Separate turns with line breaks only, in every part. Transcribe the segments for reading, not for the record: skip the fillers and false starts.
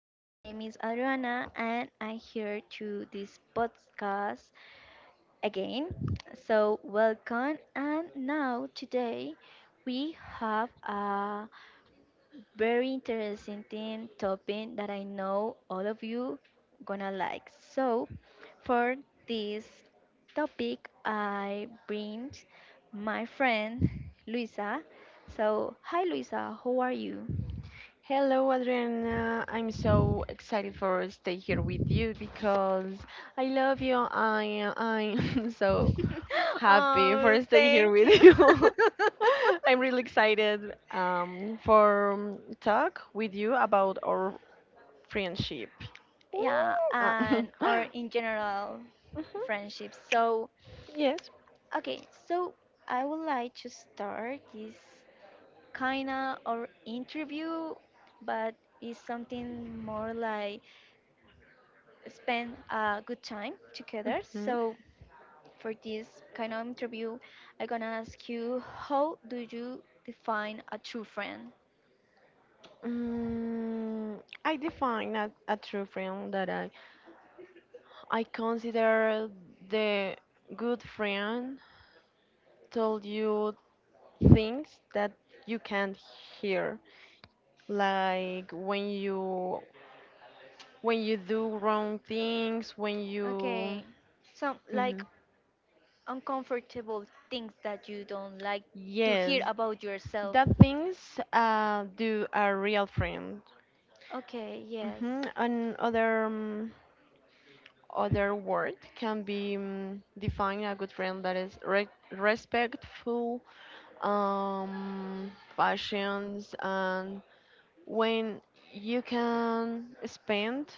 My name is Adriana and I'm here to this podcast again. So, welcome. And now, today, we have a very interesting topic that I know all of you gonna like. So, for this topic, I bring my friend Luisa. So, hi Luisa, how are you?
Hello, Adriana. I'm so excited for stay here with you because I love you. I'm so happy
Oh,
for stay here
thank you.
with you. I'm really excited for talk with you about our friendship. Woo!
Yeah,
Ah, mhm.
and or in general friendships, so
Yes.
okay, so I would like to start this kind of or interview, but it's something more like spend a good time together.
Mhm.
So for this kind of interview, I'm gonna ask you, how do you define a true friend?
I define a true friend that I consider the good friend told you things that you can't hear, like when you do wrong things, when
Okay,
you
so like
Mhm.
uncomfortable things that you don't like to hear
Yes,
about yourself.
that things do a real friend.
Okay, yes.
And other other word can be define a good friend that is respectful, passions, and when you can spend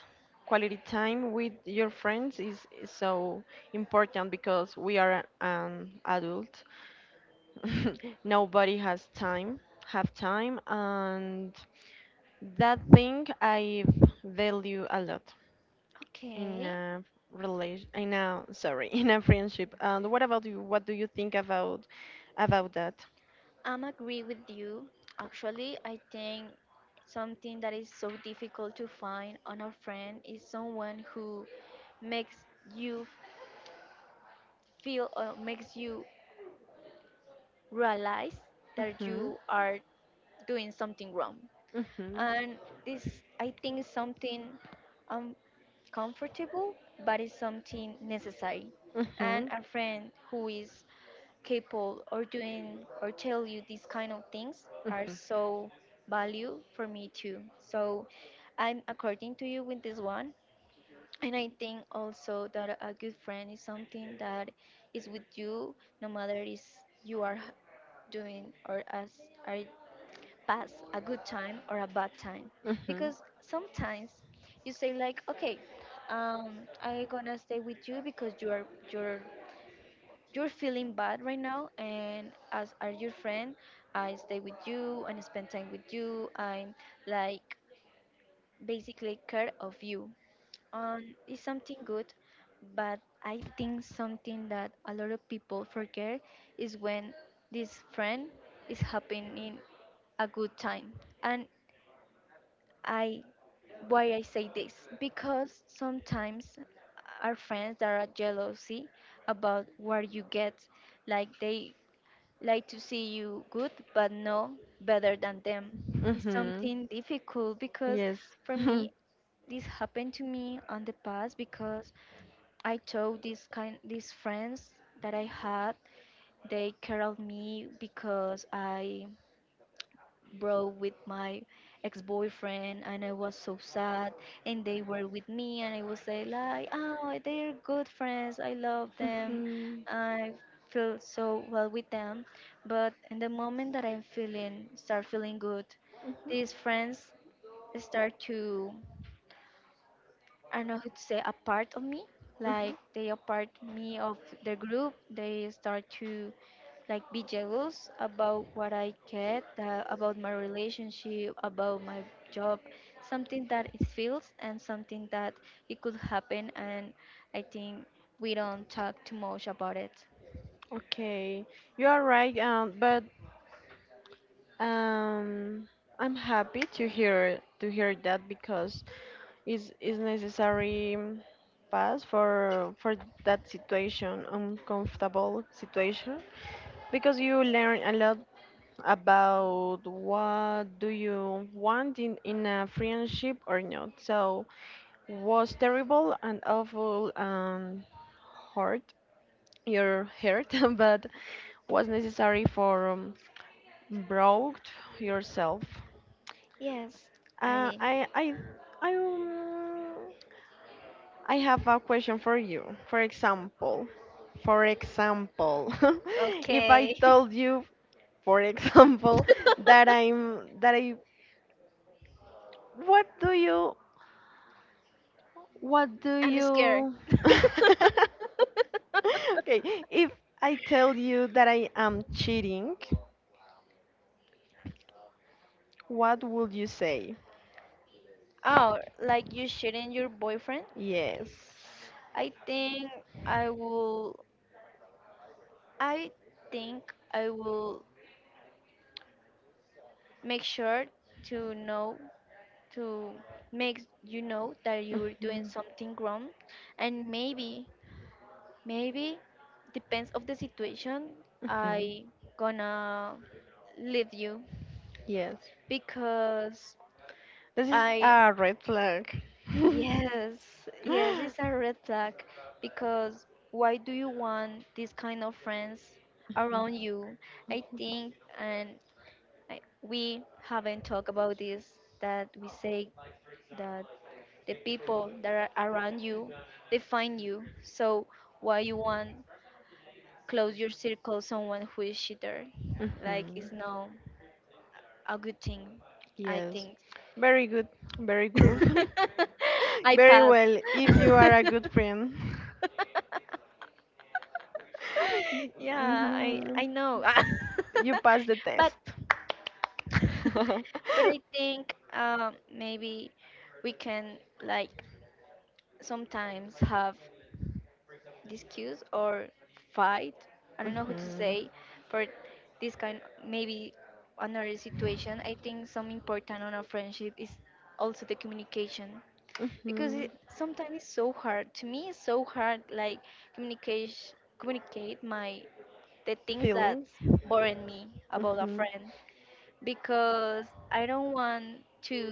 quality time with your friends is so important because we are an adult. Nobody has time, have time, and that thing I value a lot in
Okay.
a relation, in a sorry, in a friendship. And what about you? What do you think about that?
I'm agree with you. Actually, I think something that is so difficult to find on a friend is someone who makes you feel or makes you realize that
Hmm.
you are doing something wrong.
Hmm. And
And
I.
this I think is something um, comfortable, but it's something necessary. And
Having.
a friend who is capable or doing or tell you these kind of things are so value for me too. So I'm according to you with this one. And I think also that a good friend is something that is with you no matter is you are doing or as are pass a good time or a bad time.
Hmm.
Because sometimes you say like, okay, I'm gonna stay with you because you're feeling bad right now, and as are your friend, I stay with you and spend time with you. I'm like basically care of you. um it's something good, but I think something that a lot of people forget is when this friend is happening a good time. And I why I say this, because sometimes our friends that are jealousy about what you get, like they like to see you good but no better than them. It's something difficult because
Yes.
for
For
me
me.
this happened to me on the past because I told these friends that I had, they care of me because I broke with my ex-boyfriend and I was so sad, and they were with me, and I would say like, oh, they're good friends, I love them,
Mm-hmm.
I feel so well with them. But in the moment that I'm feeling start feeling good, these friends start to, I don't know how to say, a part of me. Like they are part me of the group. They start to like be jealous about what I get, about my relationship, about my job, something that it feels and something that it could happen. And I think we don't talk too much about it.
loop Okay, you are right, but um, I'm happy to hear that because is necessary, pass for that situation, uncomfortable situation, because you learn a lot about what do you want in a friendship or not, so was terrible and awful and hurt your hurt but was necessary for broke yourself.
Yes,
uh,
I
i i i um, I have a question for you. For example, for example, if I
okay.
told you, for example, that I what do you what do
I'm scared.
you Okay, if I tell you that I am cheating, what would you say?
Oh, like you shooting your boyfriend?
Yes.
I think I will. I think I will make sure to know to make you know that you're doing
Mhm.
something wrong, and maybe depends of the situation,
Mhm.
I gonna leave you
Yes.
because
This is
I,
a red flag.
yes, yes, it's a red flag. Because why do you want this kind of friends around you? I think, and, like, we haven't talked about this that we say that the people that are around you define you. So why you want close your circle someone who is shitter? Like
Mhm.
it's not a good thing, I
Yes.
think.
Very good. Very good.
I
Very
pass.
well. If you are a good friend,
Yeah, I
mhm,
I know.
you pass the test.
But but I think maybe we can like sometimes have disputes or fight. I don't know who to
Mhm.
say for this kind, maybe another situation. I think some important on a friendship is also the communication, because
hmm
it sometimes it's so hard. To me, it's so hard like communicate communicate my the things that
Feelings.
burden me about a
Hmm.
friend, because I don't want to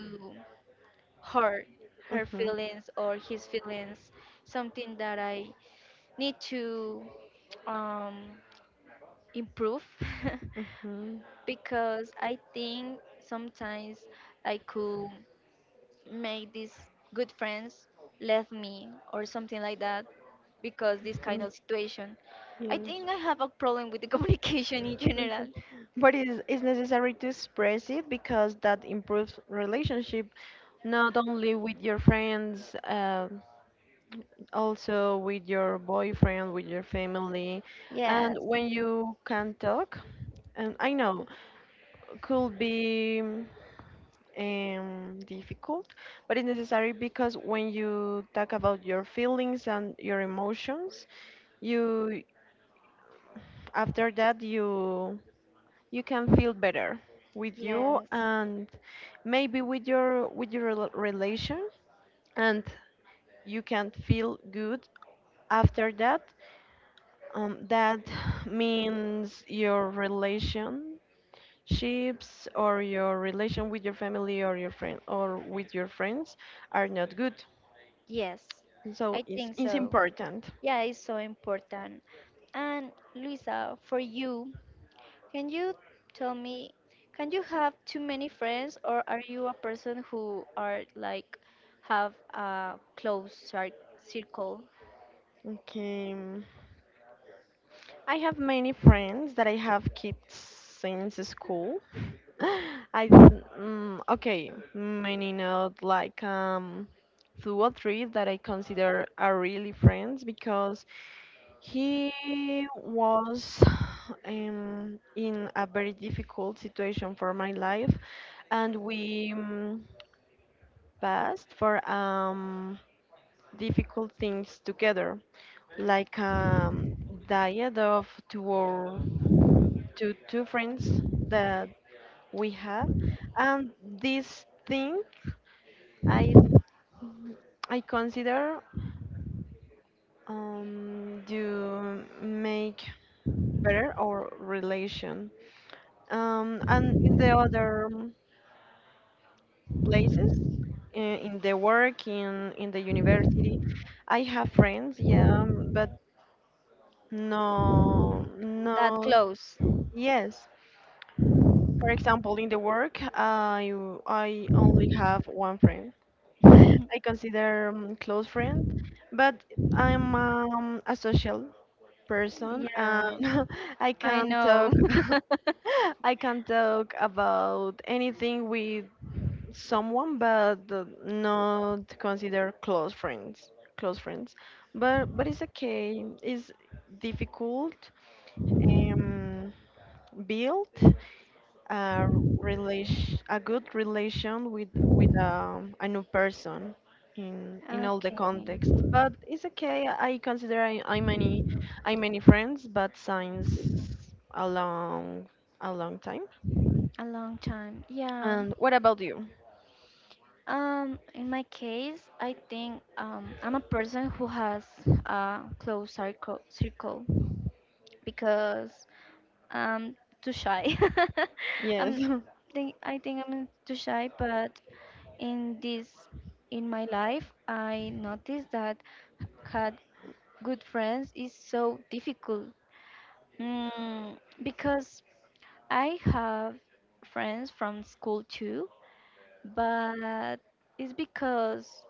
hurt
Hmm.
her
Hmm.
feelings or his feelings. Something that I need to um, improve, because I think sometimes I could make these good friends left me or something like that because this kind
Mm,
of situation. I
yes.
think I have a problem with the communication in
Okay.
general.
But it's necessary to express it because that improves relationship not only with your friends, also with your boyfriend, with your family. And
Yes,
when you can talk, and I know could be difficult, but it's necessary because when you talk about your feelings and your emotions, you after that you can feel better with you
yes,
and maybe with your relation, and you can feel good after that, that means your relationships or your relation with your family or your friend or with your friends are not good.
yes,
So
I
it's,
think
it's
so.
important.
Yeah, it's so important. And Luisa, for you, can you tell me, can you have too many friends, or are you a person who are like have a close circle,
Okay. I have many friends that I have kept since school. I okay, many not like two or three that I consider are really friends because he was in a very difficult situation for my life and we passed for difficult things together, like diet of two or two friends that we have, and this thing I I consider, you make better our relation. And in the other places, in the work, in the university, I have friends, yeah, but no,
that
no,
close?
yes. For example, in the work, I only have one friend. I consider, close friend, but I'm, a social person and
Yeah,
I
I
can
know.
talk I can talk about anything with someone, but not consider close friends. Close friends, but it's okay. It's difficult, um, build a relation, a good relation with a new person in all the
Okay,
context, but it's okay. I consider i i many friends, but since a long a long time.
a long time. Yeah.
And what about you?
In my case, I think I'm a person who has a close circle because um too shy.
Yes.
i I think I'm too shy, but in this, in my life, I noticed that had good friends is so difficult. Mm, because I have friends from school too, but it's because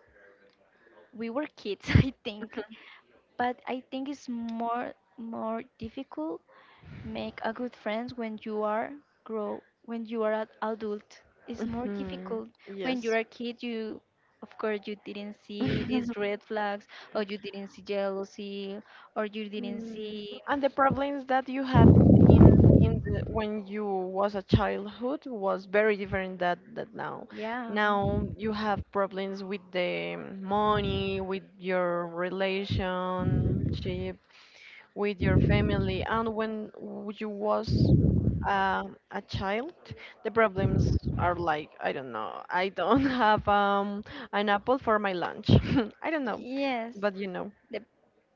we were kids, I think. But I think it's more difficult make a good friend when you are grow, when you are an adult, is more
Mhm.
difficult. When you
Yes.
are a kid, you, of course, you didn't see these red flags, or you didn't see jealousy, or you didn't
Mm,
see,
and the problems that you have in in the, when you was a childhood was very different that now.
yeah,
Now you have problems with the money, with your relationship, with your family, and when you was a child, the problems are like I don't know, I don't have an apple for my lunch. I don't know,
yes,
but you know.
the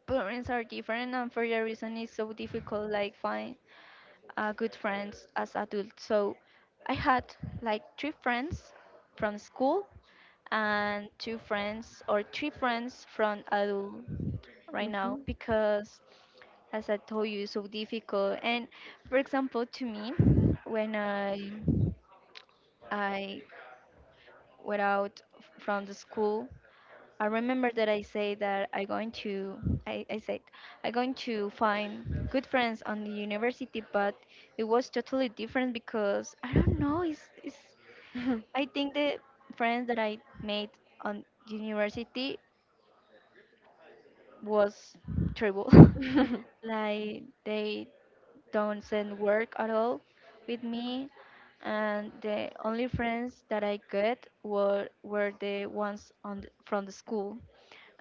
parents are different, and for that reason it's so difficult like find good friends as adult. So I had like three friends from school and two friends or three friends from adult right now,
Mhm.
because as I told you, it's so difficult. And for example, to me, when I went out from the school, I remember that I say that I going to, I said I going to find good friends on the university, but it was totally different because I don't know, it's, I think the friends that I made on university was terrible.
Mhm.
Like they doesn't work at all with me, and the only friends that I got were the ones from the school.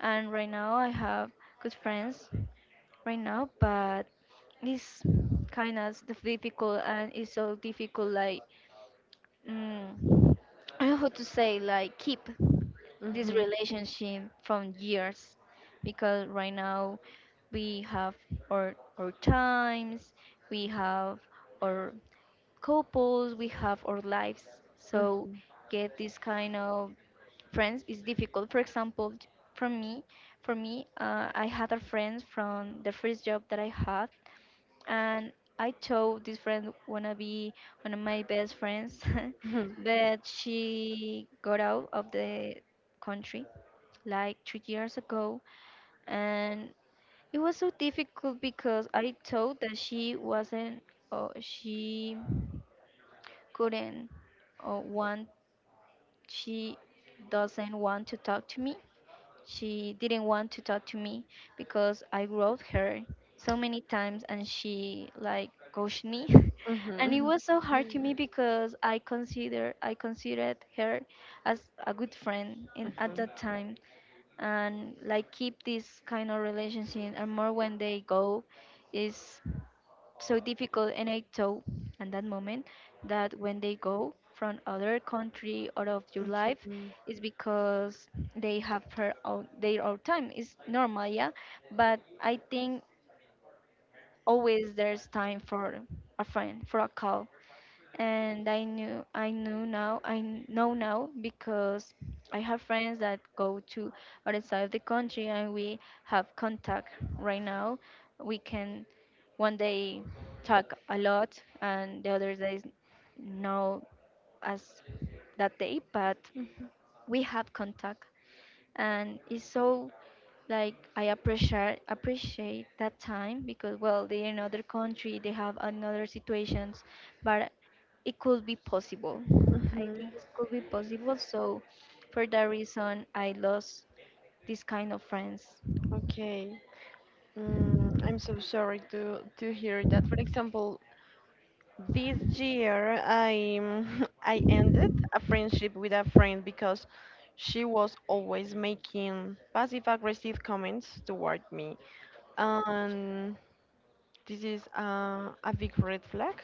And right now I have good friends right now, but it's kind of difficult, and it's so difficult like, mm, I don't know how to say, like keep this relationship from years, because right now we have our times, we have our couples, we have our lives, so get this kind of friends is difficult. For example, from me for me, I had a friend from the first job that I had, and I told this friend wanna be one of my best friends,
Mhm.
but she got out of the country like 3 years ago, and it was so difficult because I thought that she wasn't, or she couldn't, or want, she doesn't want to talk to me she didn't want to talk to me because I wrote her so many times and she like ghosted me. And it
Mhm.
was so hard to me because I considered her as a good friend in at
Mhm.
that time. And like keep this kind of relationship, and more when they go, is so difficult. And I thought at that moment that when they go from other country out of your
Okay.
life, it's because they have her own, their own time, it's normal, yeah, but I think always there's time for a friend, for a call. And I know now, because I have friends that go to other side of the country and we have contact right now. We can one day talk a lot and the other days no as that day, but we have contact. And it's so, like, I appreciate that time, because well, they're in another country, they have another situations, but it could be possible. I
Mm-hmm.
think it could be possible. So for that reason I lost this kind of friends.
Okay. I'm so sorry to hear that. For example, this year I I ended a friendship with a friend because she was always making passive aggressive comments toward me, and this is a big red flag.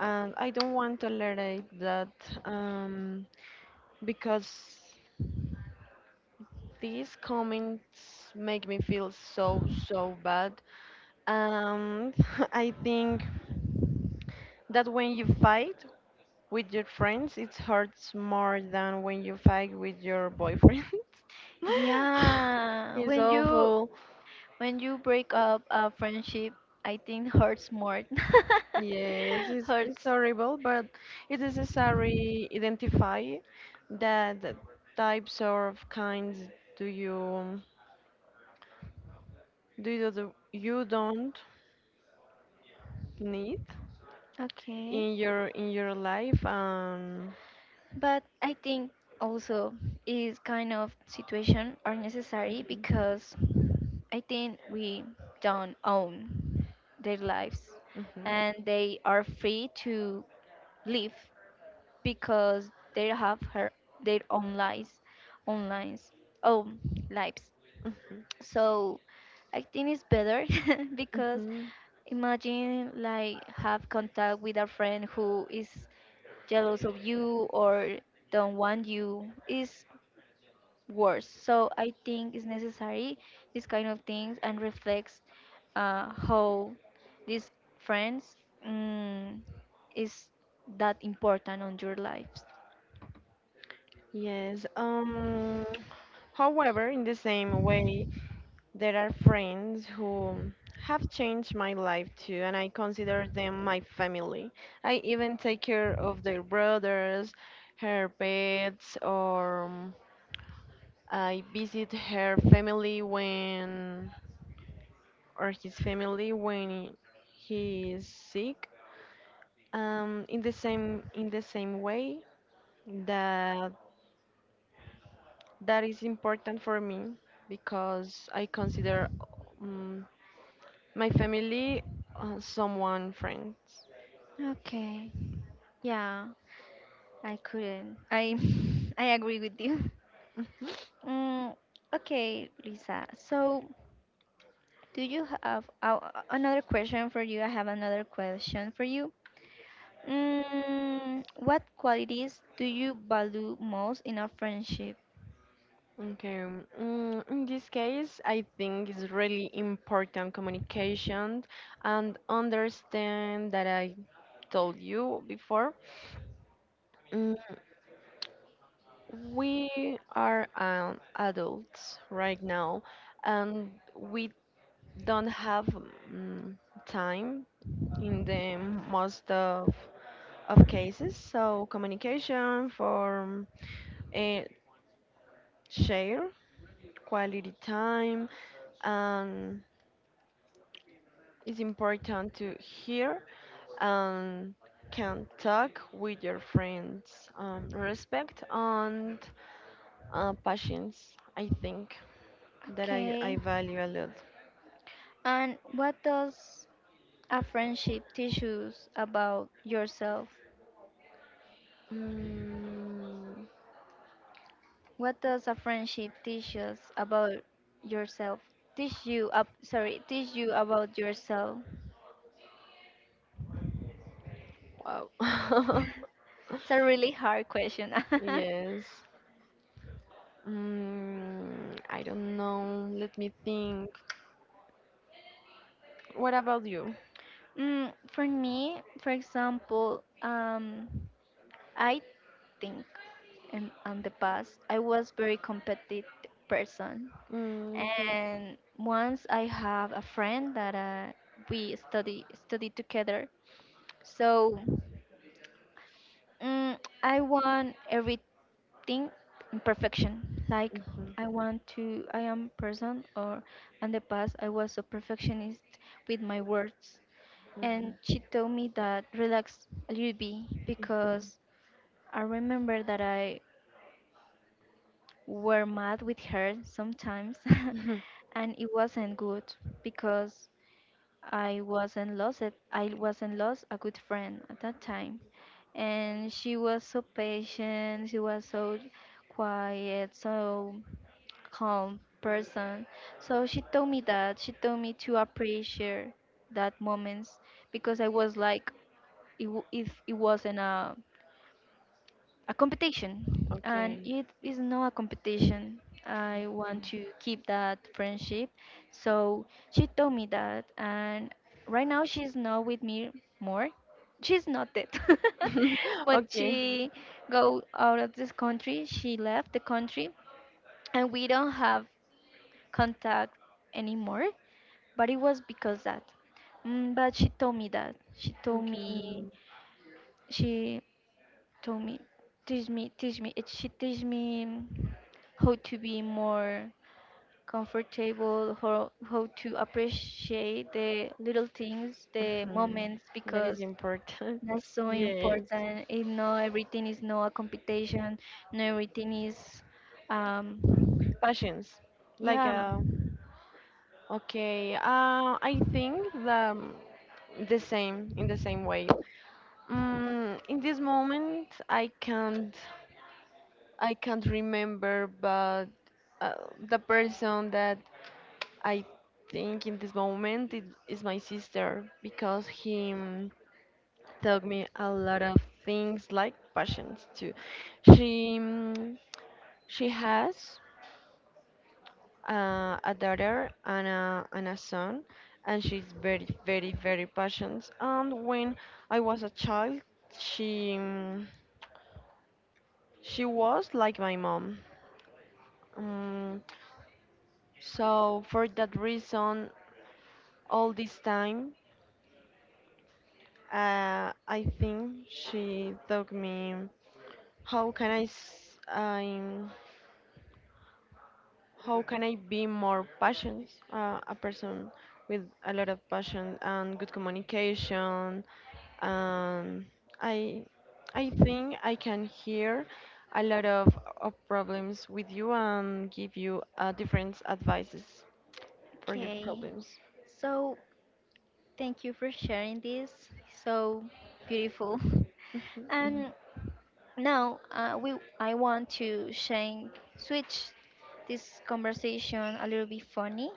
And I don't want to tolerate that. Um, because these comments make me feel so so bad and I think that when you fight with your friends it hurts more than when you fight with your boyfriend.
Yeah,
It's awful.
when you break up a friendship, I think hurts more.
Yes, it's
Hurts.
horrible, but it's necessary identify that the types of kinds do you do you don't need
Okay.
in your life.
But I think also is kind of situation are necessary,
Mhm.
because I think we don't own their lives,
Mhm.
and they are free to live, because they have her, their own lives own lives.
Mhm.
So I think it's better because
Mhm.
imagine like have contact with a friend who is jealous of you or don't want you is worse. So I think it's necessary these kind of things and reflects how these friends, mm, is that important on your lives.
Yes. However, in the same way, there are friends who have changed my life too and I consider them my family. I even take care of their brothers, her pets, or, I visit her family when, or his family when he is sick. In the same way that that is important for me because I consider, um, my family, someone friends.
Okay. Yeah, I couldn't. I I agree with you.
Mhm.
Mm, okay, Lisa. So, do you have another question for you? I have another question for you. Mm, what qualities do you value most in a friendship?
Okay. In this case, I think it's really important communication and understand that I told you before. Mm, we are, adults right now, and we don't have, mm, time in the most of cases. So communication for, uh, share quality time, and it's important to hear and can talk with your friends. Respect and, patience. I think that I,
Okay.
I value a lot.
And what does a friendship teach us about yourself?
Mm,
What does a friendship teach us about yourself? Teach you up, sorry, teach you about yourself.
wow.
It's a really hard question.
Yes. I don't know. Let me think. What about you?
Mm, for me, for example, I think in on the past I was very competitive person,
Mm, okay.
and once I have a friend that we study together, so mm, I want everything in perfection. Like
Mhm.
I want to, I am person, or in the past I was a perfectionist with my words.
Mhm.
And she told me that relax a little bit
Mhm.
because I remember that I were mad with her sometimes.
Mhm.
And it wasn't good because I wasn't lost it, I wasn't lost a good friend at that time, and she was so patient, she was so quiet, so calm person. So she told me to appreciate that moments because I was like it wasn't a competition, and
Okay.
it is not a competition. I want to keep that friendship. So she told me that, and right now she's not with me more. She's not dead. But
Okay.
she go out of this country, she left the country, and we don't have contact anymore. But it was because that. But she told me that,
Okay.
she told me, she teach me how to be more comfortable, how to appreciate the little things, the
Mhm.
moments,
That is
because
important.
that's so
Yes.
important. It not everything, is not a competition. Not everything is um
Passions. Like
yeah.
okay. I think the, the same in the same way. In this moment I can't remember, but the person that I think in this moment it is my sister because he, taught me a lot of things like passions too. She mm, she has, a daughter and and a son, and she's very very very passionate. And when I was a child, she mm, she was like my mom. Um, so for that reason, all this time. I think she taught me how can I s- I'm- how can I be more passionate, a person with a lot of passion and good communication. And I I think I can hear a lot of problems with you and give you, different advices for your
Okay,
problems.
so thank you for sharing this. So beautiful.
Mhm.
And now, we I want to change, switch this conversation a little bit funny,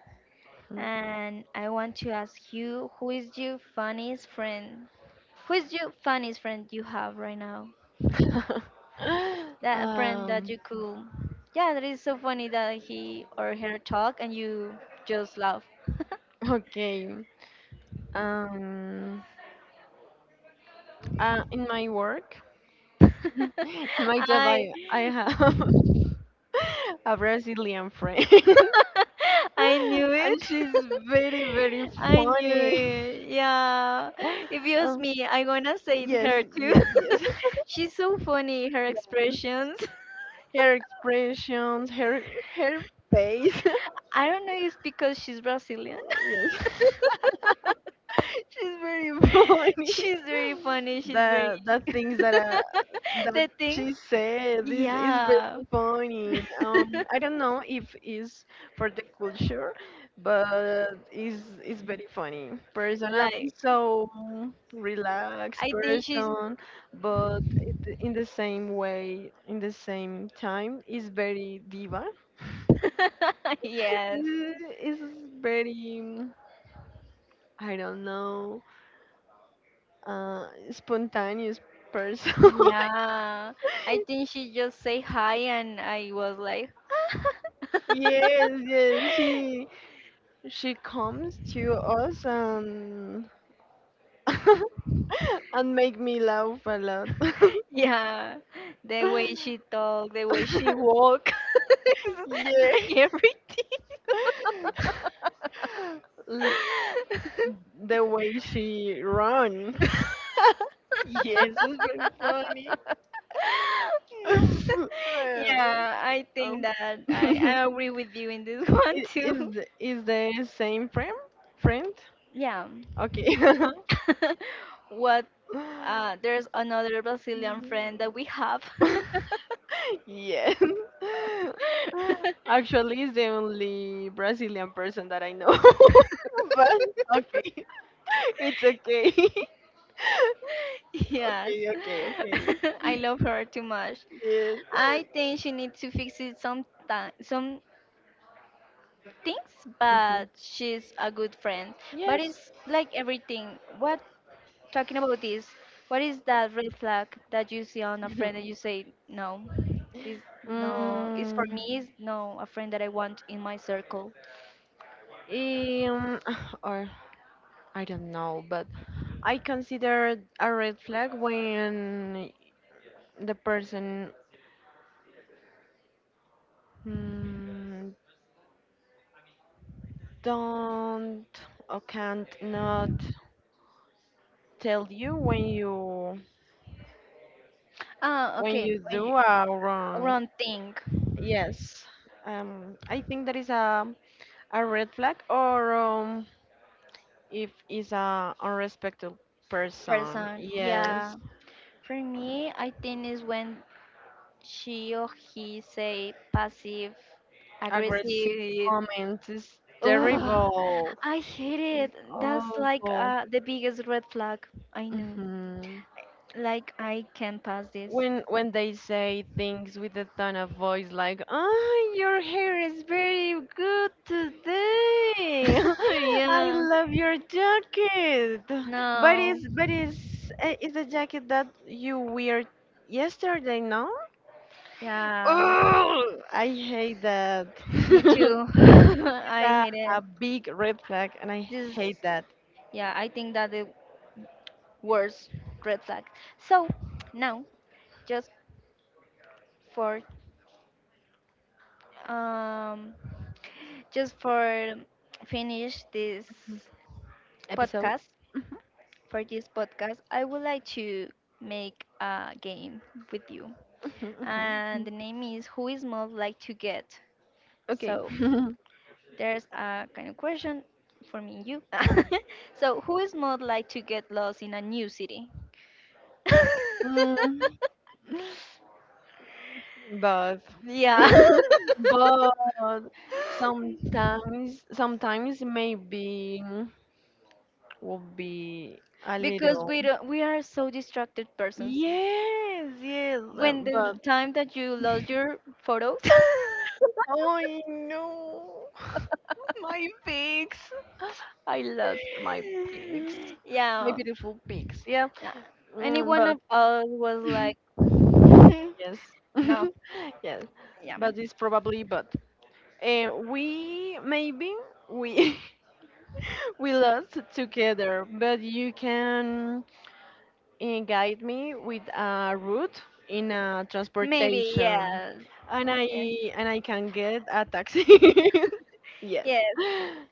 and I want to ask you, who is your funniest friend? Who is your funniest friend you have right now? That a friend that
um,
you could, yeah, that is so funny that he or her talk and you just laugh.
okay. Um, in my work, in my job,
I,
I have a Brazilian friend,
I knew
and
it.
she's very very
I knew
funny.
it. Yeah. If it was
Um,
me, I gonna say it
yes,
her too.
yes, yes.
She's so funny, her expressions.
Her expressions, her face.
I don't know if because she's Brazilian.
Yes, she's very funny.
She's very funny, she's very
The things that uh, that
the things.
she said, this is
Yeah.
very funny. I don't know if it's for the culture, but it's very funny person, up
Like,
so relaxed
I think she's
person, but in the same way in the same time is very diva.
yes.
Is very, I don't know, spontaneous person.
Yeah, I think she just say hi and I was like
Yes, yes, she comes to us and and make me laugh a lot.
yeah, the way she talk, the way she walk,
Yeah,
like everything.
L- the way she run. Yes, it's very funny. Uh,
Yeah, I think
um,
that I agree with you in this one
is
too.
the- is the same friend? Friend?
Yeah.
Okay.
What, there's another Brazilian friend that we have.
Yes. Actually, it's the only Brazilian person that I know. But okay. It's okay.
Yes,
Okay, okay, okay.
I love her too much.
Yes.
I think she needs to fix it some time, some things,
Mhm.
but she's a good friend. But
Yes.
it's like everything. What talking about this? What is that red flag that you see on a friend that you say no? This no is for
Mm,
me. Is no a friend that I want in my circle.
um, or I don't know, but I consider a red flag when the person, mm, don't or can't not tell you when you
Ah,
when
okay.
you
When you,
do a wrong.
wrong thing,
Yes, I think that is a red flag or, if is a unrespectful person.
person.
Yes,
Yeah. For me, I think is when she or he say passive
aggressive
aggressive.
comments is
Ugh,
terrible,
I hate it. That's like
awful.
the biggest red flag I knew.
hmm
Like I can pass this.
when they say things with a tone of voice like, oh, your hair is very good today, I
Yeah.
love your jacket, but
No.
it's, it's a jacket that you wear yesterday, no?
Yeah.
Oh, I hate that.
Me too.
It's
I
a,
hate it.
a big red flag and I
This.
hate that
Yeah. I think that the worst red flag. So now, just for um, just for finish this
episode.
podcast. For this podcast, I would like to make a game with you. And the name is Who is Most Like to Get?
Okay.
So there's a kind of question for me and you. So, who is most like to get lost in a new city?
Mm. But
Yeah.
but sometimes maybe would be a
Because
little.
we don't, we are so distracted persons.
Yes, yes,
When the
but
time that you lost your photos,
I know. My pigs. I lost my pigs, my
yeah,
beautiful pigs, yeah.
yeah. Any one
But
of us was like, "Hmm,
yes.
no,
Yes,
yeah,
but it's probably, but we maybe we we lost together, but you can, guide me with a route in a
maybe,
transportation,
yes,
and I
yeah,
and I can get a taxi. Yes,
yes.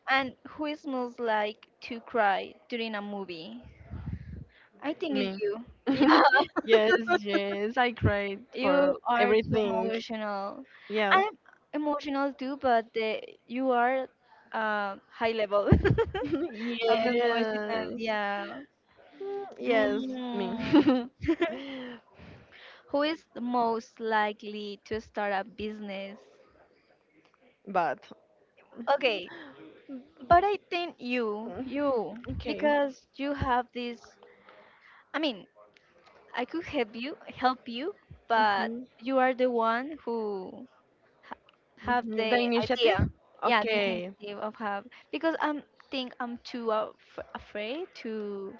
And who smells like to cry during a movie? I think it's
me.
you. Yeah,
Yes, yes, I cried
you
for
are too
everything.
emotional.
Yeah.
I'm emotional too, but the, you are high level of emotional.
Yes.
Yeah.
Mm, yes, me.
Mm. Who is the most likely to start a business?
But,
Okay, but I think you,
mm, okay.
because you have this. I mean, I could help you, but
Mhm.
you are the one who ha have
Mhm.
the
The initiative?
idea. Yeah, the
Okay.
initiative of have because I'm think I'm too af afraid to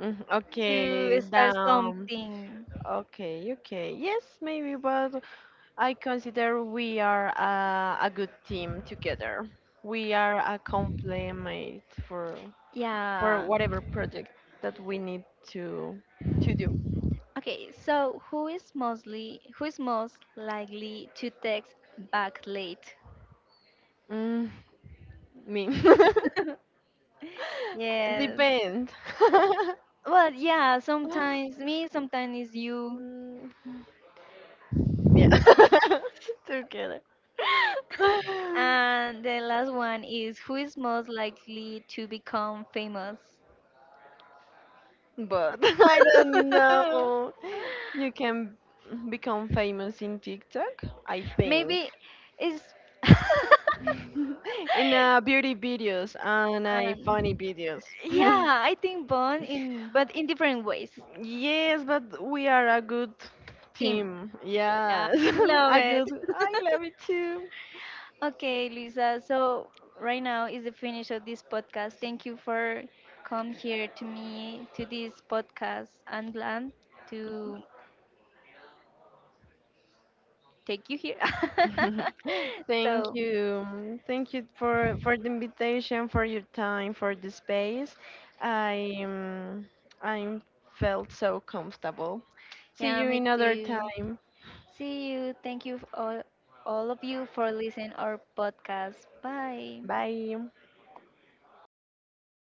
Mm,
to
okay,
start
down.
something.
Okay, okay. Yes, maybe, but I consider we are a good team together. We are a complement for
Yeah.
whatever project that we need to do.
Okay, so who is most likely to text back late?
Mm, me.
Yes.
Depend.
Well, yeah, sometimes me, sometimes it's you.
Mm, yeah. Together.
And the last one is who is most likely to become famous?
But I don't know. You can become famous in TikTok, I think.
Maybe it's.
In beauty videos and funny
And
videos.
yeah, I think Bond in, but in different ways.
Yes, but we are a good
Team.
team.
Yeah,
Yes.
I love
A
it.
good, I love it too.
Okay, Luisa. So right now is the finish of this podcast. Thank you for come here to me to this podcast. I'm glad to take you here.
Thank
So
you. Thank you for the invitation, for your time, for the space. I um, I felt so comfortable. See
yeah,
you
me
another
too.
time.
See you. Thank you all of you for listening our podcast. Bye.
Bye.